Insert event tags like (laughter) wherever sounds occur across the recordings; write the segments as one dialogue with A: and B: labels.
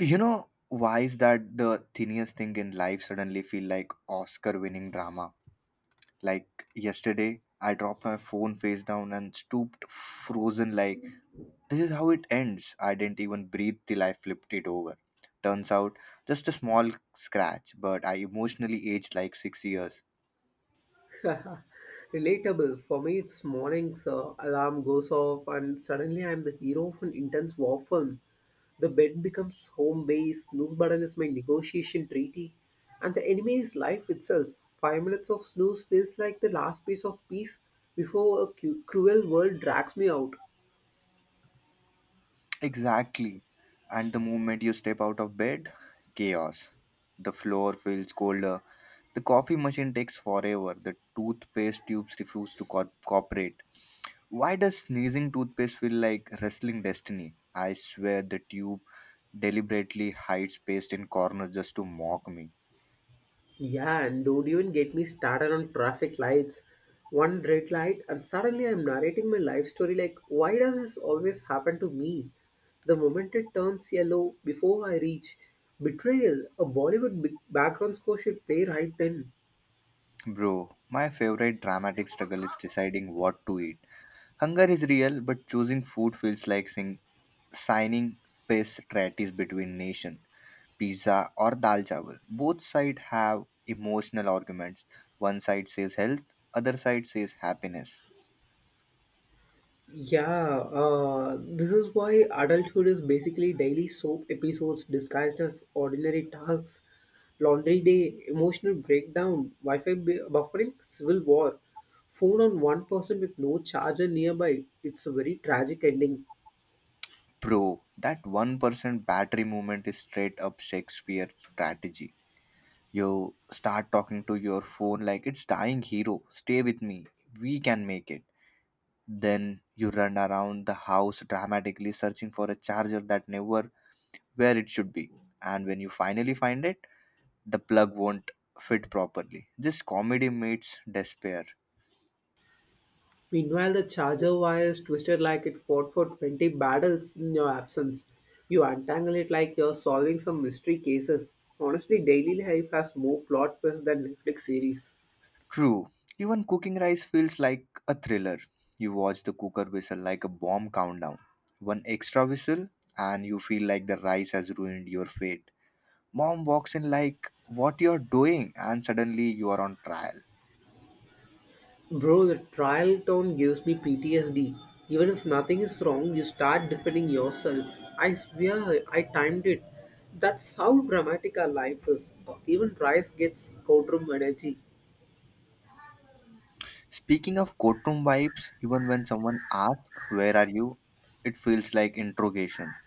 A: Why is that the tiniest thing in life suddenly feel like Oscar winning drama? Like yesterday, I dropped my phone face down and stooped frozen like this is how it ends. I didn't even breathe till I flipped it over. Turns out just a small scratch, but I emotionally aged like 6 years.
B: (laughs) Relatable. For me, it's mornings, alarm goes off, and suddenly I'm the hero of an intense war film. The bed becomes home base, snooze button is my negotiation treaty, and the enemy is life itself. 5 minutes of snooze feels like the last piece of peace before a cruel world drags me out.
A: Exactly. And the moment you step out of bed, chaos. The floor feels colder. The coffee machine takes forever. The toothpaste tubes refuse to cooperate. Why does sneezing toothpaste feel like wrestling destiny? I swear the tube deliberately hides paste in corners just to mock me.
B: Yeah, and don't even get me started on traffic lights. One red light, and suddenly I'm narrating my life story like, why does this always happen to me? The moment it turns yellow before I reach betrayal, a Bollywood background score should play right then.
A: Bro, my favorite dramatic struggle is deciding what to eat. Hunger is real, but choosing food feels like signing peace treaties between nation. Pizza or dal chawal. Both sides have emotional arguments. One side says health, other side says happiness.
B: Yeah, this is why adulthood is basically daily soap episodes disguised as ordinary tasks, laundry day, emotional breakdown, Wi Fi buffering, civil war, phone on one person with no charger nearby. It's a very tragic ending.
A: Bro, that 1% battery movement is straight up Shakespeare strategy. You start talking to your phone like it's dying hero, stay with me, we can make it. Then you run around the house dramatically searching for a charger that never where it should be. And when you finally find it, the plug won't fit properly. This comedy meets despair.
B: Meanwhile, the charger wire is twisted like it fought for 20 battles in your absence. You untangle it like you're solving some mystery cases. Honestly, daily life has more plot twists than Netflix series.
A: True. Even cooking rice feels like a thriller. You watch the cooker whistle like a bomb countdown. One extra whistle, and you feel like the rice has ruined your fate. Mom walks in like, what you're doing? And suddenly you are on trial.
B: Bro, the trial tone gives me PTSD. Even if nothing is wrong, you start defending yourself. I swear, I timed it. That's how dramatic our life is. Even price gets courtroom energy.
A: Speaking of courtroom vibes, even when someone asks, where are you? It feels like interrogation.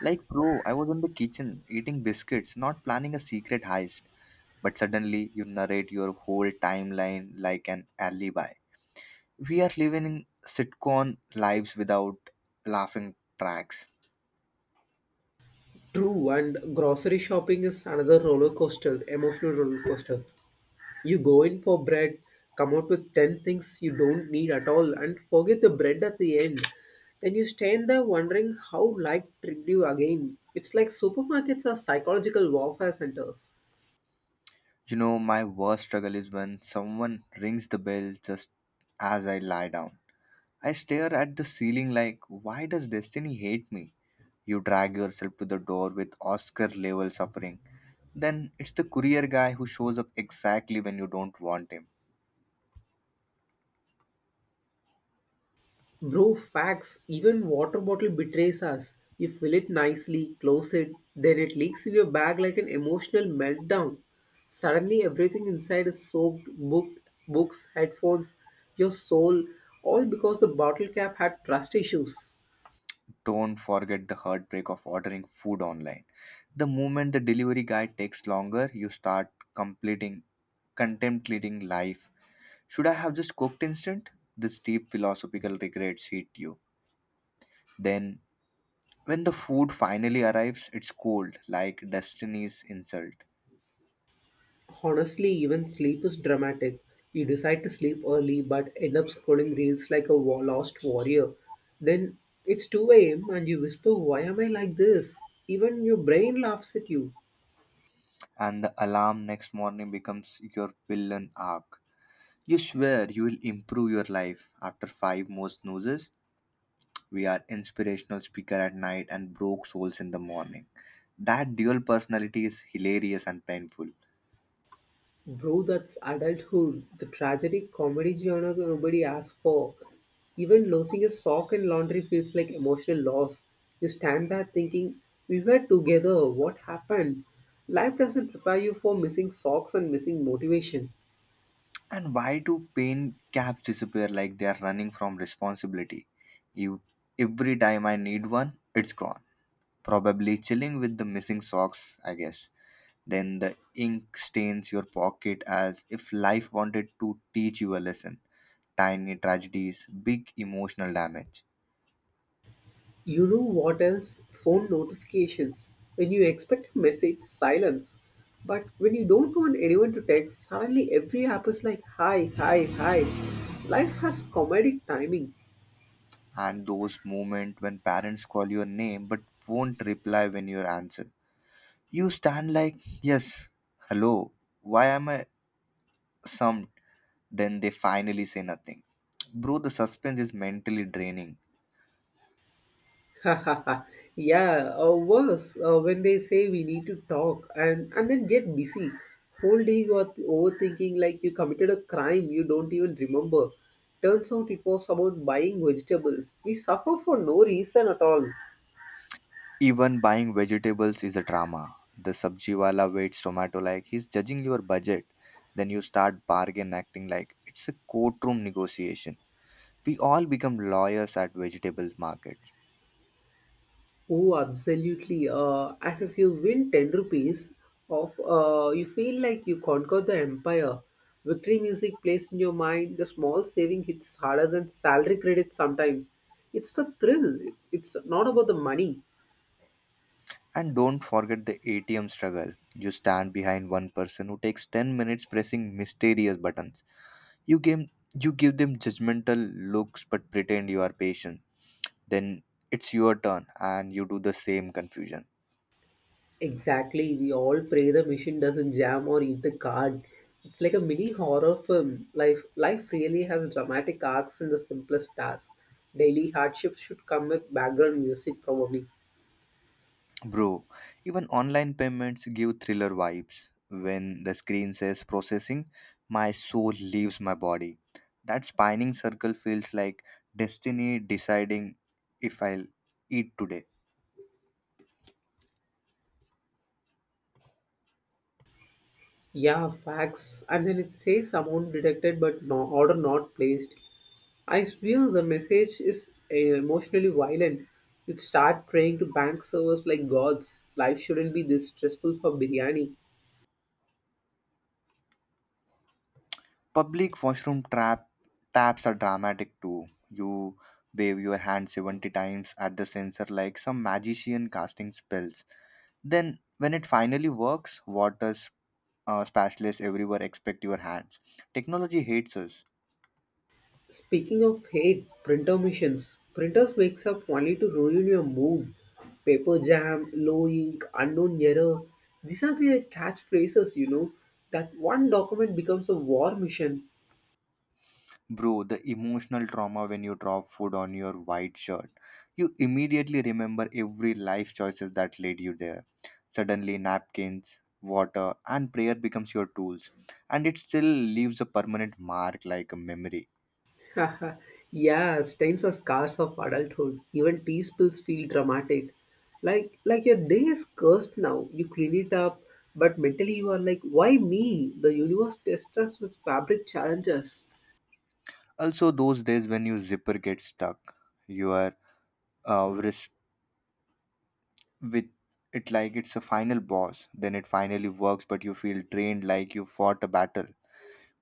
A: Like, bro, I was in the kitchen eating biscuits, not planning a secret heist. But suddenly you narrate your whole timeline like an alibi. We are living sitcom lives without laughing tracks.
B: True, and grocery shopping is another roller coaster, emotional roller coaster. You go in for bread, come out with 10 things you don't need at all, and forget the bread at the end. Then you stand there wondering how life tricked you again. It's like supermarkets are psychological warfare centers.
A: You know, my worst struggle is when someone rings the bell just as I lie down. I stare at the ceiling like, why does destiny hate me? You drag yourself to the door with Oscar level suffering. Then it's the courier guy who shows up exactly when you don't want him.
B: Bro, facts, even water bottle betrays us. You fill it nicely, close it, then it leaks in your bag like an emotional meltdown. Suddenly, everything inside is soaked books, headphones, your soul, all because the bottle cap had trust issues.
A: Don't forget the heartbreak of ordering food online. The moment the delivery guy takes longer, you start completing contemplating life. Should I have just cooked instant? This deep philosophical regrets hit you. Then, when the food finally arrives, it's cold, like destiny's insult.
B: Honestly, even sleep is dramatic. You decide to sleep early but end up scrolling reels like a lost warrior. Then it's 2 a.m. and you whisper, why am I like this? Even your brain laughs at you.
A: And the alarm next morning becomes your villain arc. You swear you will improve your life after five more snoozes. We are inspirational speaker at night and broke souls in the morning. That dual personality is hilarious and painful.
B: Bro, that's adulthood. The tragic comedy genre nobody asks for. Even losing a sock in laundry feels like emotional loss. You stand there thinking, we were together, what happened? Life doesn't prepare you for missing socks and missing motivation.
A: And why do pain caps disappear like they are running from responsibility? You, every time I need one, it's gone. Probably chilling with the missing socks, I guess. Then the ink stains your pocket as if life wanted to teach you a lesson. Tiny tragedies, big emotional damage.
B: You know what else? Phone notifications. When you expect a message, silence. But when you don't want anyone to text, suddenly every app is like, hi, hi, hi. Life has comedic timing.
A: And those moments when parents call your name but won't reply when you answer. You stand like, yes, hello, why am I summed? Then they finally say nothing. Bro, the suspense is mentally draining.
B: (laughs) Yeah, or worse, when they say we need to talk and then get busy. Whole day you are overthinking like you committed a crime you don't even remember. Turns out it was about buying vegetables. We suffer for no reason at all.
A: Even buying vegetables is a drama. The sabji wala waits tomato like he's judging your budget. Then you start bargain acting like it's a courtroom negotiation. We all become lawyers at vegetable markets.
B: Oh, absolutely. And if you win 10 rupees of you feel like you conquered the empire. Victory music plays in your mind. The small saving hits harder than salary credits sometimes. It's the thrill. It's not about the money.
A: And don't forget the ATM struggle. You stand behind one person who takes 10 minutes pressing mysterious buttons. You give, you give them judgmental looks but pretend you are patient, then it's your turn and you do the same confusion.
B: Exactly. We all pray the machine doesn't jam or eat the card. It's like a mini horror film. Life really has dramatic arcs in the simplest tasks. Daily hardships should come with background music probably.
A: Bro, even online payments give thriller vibes. When the screen says processing, my soul leaves my body. That spinning circle feels like destiny deciding if I'll eat today.
B: Yeah, facts. And then it says amount detected but no order not placed. I swear the message is emotionally violent. You'd start praying to bank servers like gods. Life shouldn't be this stressful for biryani.
A: Public washroom trap taps are dramatic too. You wave your hand 70 times at the sensor like some magician casting spells. Then, when it finally works, water spatulas everywhere expect your hands. Technology hates us.
B: Speaking of hate, printer missions. Printers wakes up only to ruin your mood. Paper jam, low ink, unknown error. These are the catchphrases, you know. That one document becomes a war mission.
A: Bro, the emotional trauma when you drop food on your white shirt. You immediately remember every life choices that led you there. Suddenly, napkins, water, and prayer becomes your tools, and it still leaves a permanent mark like a memory.
B: (laughs) Yeah, stains are scars of adulthood. Even tea spills feel dramatic. Like your day is cursed now. You clean it up, but mentally you are like, why me? The universe tests us with fabric challenges.
A: Also, those days when your zipper gets stuck, your wrist with it like it's a final boss. Then it finally works, but you feel drained like you fought a battle.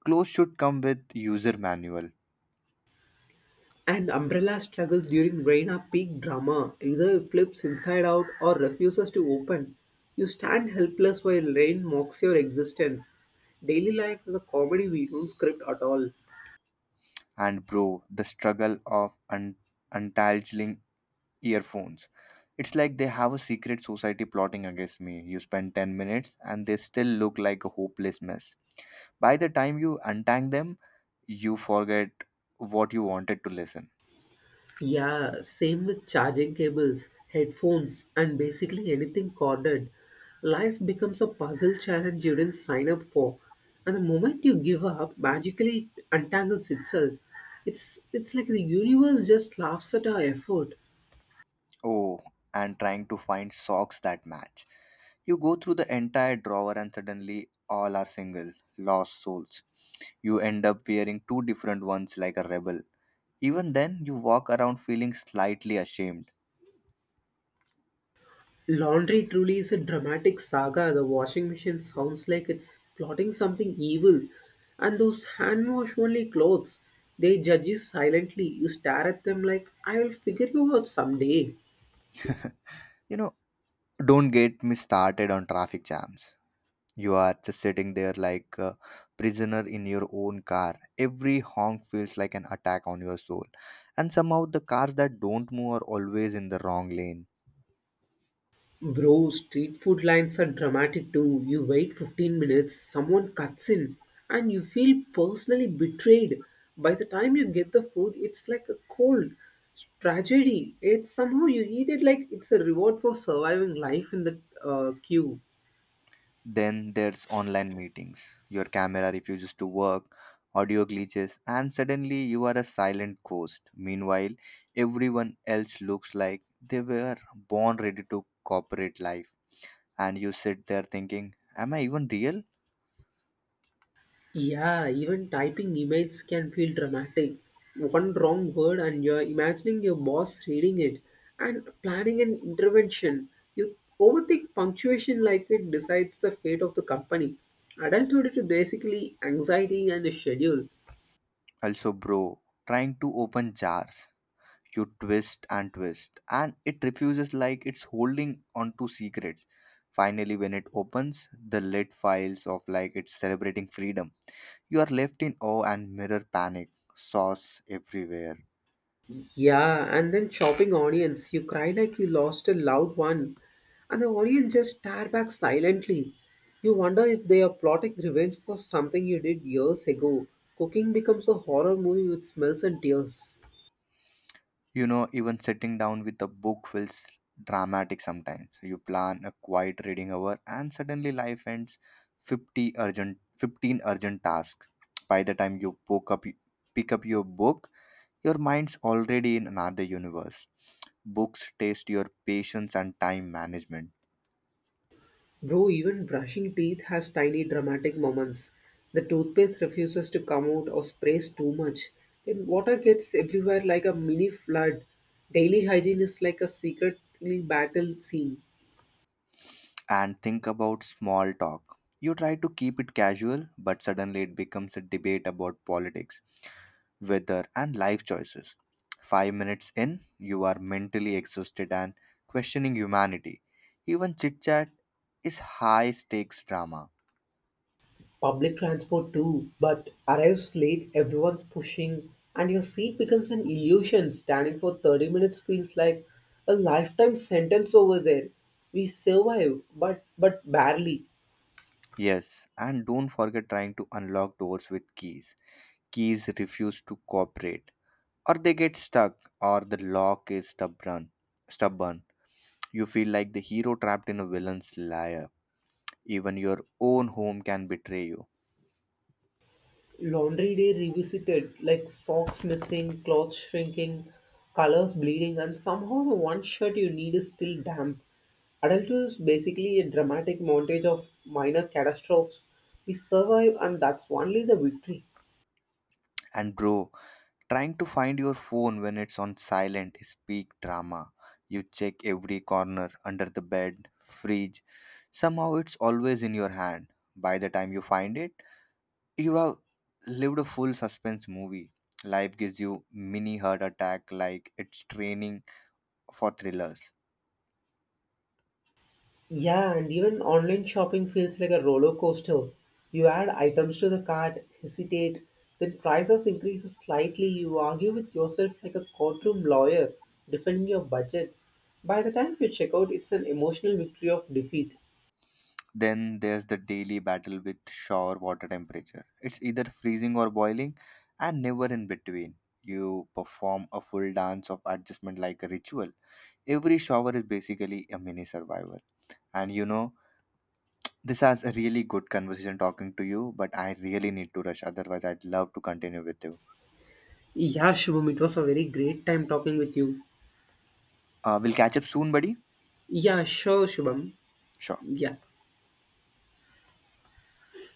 A: Clothes should come with user manual.
B: And umbrella struggles during rain are peak drama. Either it flips inside out or refuses to open. You stand helpless while rain mocks your existence. Daily life is a comedy we don't script at all.
A: And bro, the struggle of untangling earphones. It's like they have a secret society plotting against me. You spend 10 minutes and they still look like a hopeless mess. By the time you untangle them, you forget what you wanted to listen.
B: Yeah, same with charging cables, headphones, and basically anything corded. Life becomes a puzzle challenge you didn't sign up for. And the moment you give up, magically it untangles itself. It's like the universe just laughs at our effort.
A: Oh, and trying to find socks that match. You go through the entire drawer and suddenly all are single, lost souls. You end up wearing two different ones like a rebel. Even then, you walk around feeling slightly ashamed.
B: Laundry truly is a dramatic saga. The washing machine sounds like it's plotting something evil. And those hand wash only clothes, they judge you silently. You stare at them like, I'll figure you out someday.
A: (laughs) you know, don't get me started on traffic jams. You are just sitting there like a prisoner in your own car. Every honk feels like an attack on your soul. And somehow, the cars that don't move are always in the wrong lane.
B: Bro, street food lines are dramatic too. You wait 15 minutes, someone cuts in, and you feel personally betrayed. By the time you get the food, it's like a cold tragedy. It's somehow you eat it like it's a reward for surviving life in the queue.
A: Then there's online meetings. Your camera refuses to work, audio glitches, and suddenly you are a silent ghost. Meanwhile, everyone else looks like they were born ready to corporate life. And you sit there thinking, am I even real?
B: Yeah, even typing emails can feel dramatic. One wrong word, and you're imagining your boss reading it and planning an intervention. You overthink punctuation like it decides the fate of the company. Adulthood is basically anxiety and a schedule.
A: Also, bro, trying to open jars. You twist and twist, and it refuses like it's holding onto secrets. Finally, when it opens, the lid files of like it's celebrating freedom. You are left in awe and mirror panic, sauce everywhere.
B: Yeah, and then chopping audience, you cry like you lost a loved one, and the audience just stare back silently. You wonder if they are plotting revenge for something you did years ago. Cooking becomes a horror movie with smells and tears.
A: You know, even sitting down with a book feels dramatic sometimes. You plan a quiet reading hour and suddenly life ends 50 urgent 15 urgent tasks. By the time you poke up pick up your book, your mind's already in another universe. Books test your patience and time management.
B: Bro, even brushing teeth has tiny dramatic moments. The toothpaste refuses to come out or sprays too much. Then water gets everywhere like a mini flood. Daily hygiene is like a secretly battle scene.
A: And think about small talk. You try to keep it casual, but suddenly it becomes a debate about politics weather, and life choices. 5 minutes in, you are mentally exhausted and questioning humanity. Even chit chat is high stakes drama.
B: Public transport too, but arrives late, everyone's pushing, and your seat becomes an illusion. Standing for 30 minutes feels like a lifetime sentence over there. We survive, but barely.
A: Yes, and don't forget trying to unlock doors with keys. Keys refuse to cooperate, or they get stuck, or the lock is stubborn. Stubborn. You feel like the hero trapped in a villain's lair. Even your own home can betray you.
B: Laundry day revisited, like socks missing, clothes shrinking, colors bleeding, and somehow the one shirt you need is still damp. Adulthood is basically a dramatic montage of minor catastrophes. We survive, and that's only the victory.
A: And bro, trying to find your phone when it's on silent is peak drama. You check every corner, under the bed, fridge. Somehow it's always in your hand. By the time you find it, you have lived a full suspense movie. Life gives you mini heart attack like it's training for thrillers.
B: Yeah, and even online shopping feels like a roller coaster. You add items to the cart, hesitate, then prices increases slightly. You argue with yourself like a courtroom lawyer, defending your budget. By the time you check out, it's an emotional victory of defeat.
A: Then there's the daily battle with shower water temperature. It's either freezing or boiling and never in between. You perform a full dance of adjustment like a ritual. Every shower is basically a mini survival. And you know, this has a really good conversation talking to you, but I really need to rush. Otherwise, I'd love to continue with you.
B: Yeah, Shubham, it was a very great time talking with you.
A: We'll catch up soon, buddy.
B: Yeah, sure, Shubham.
A: Sure.
B: Yeah.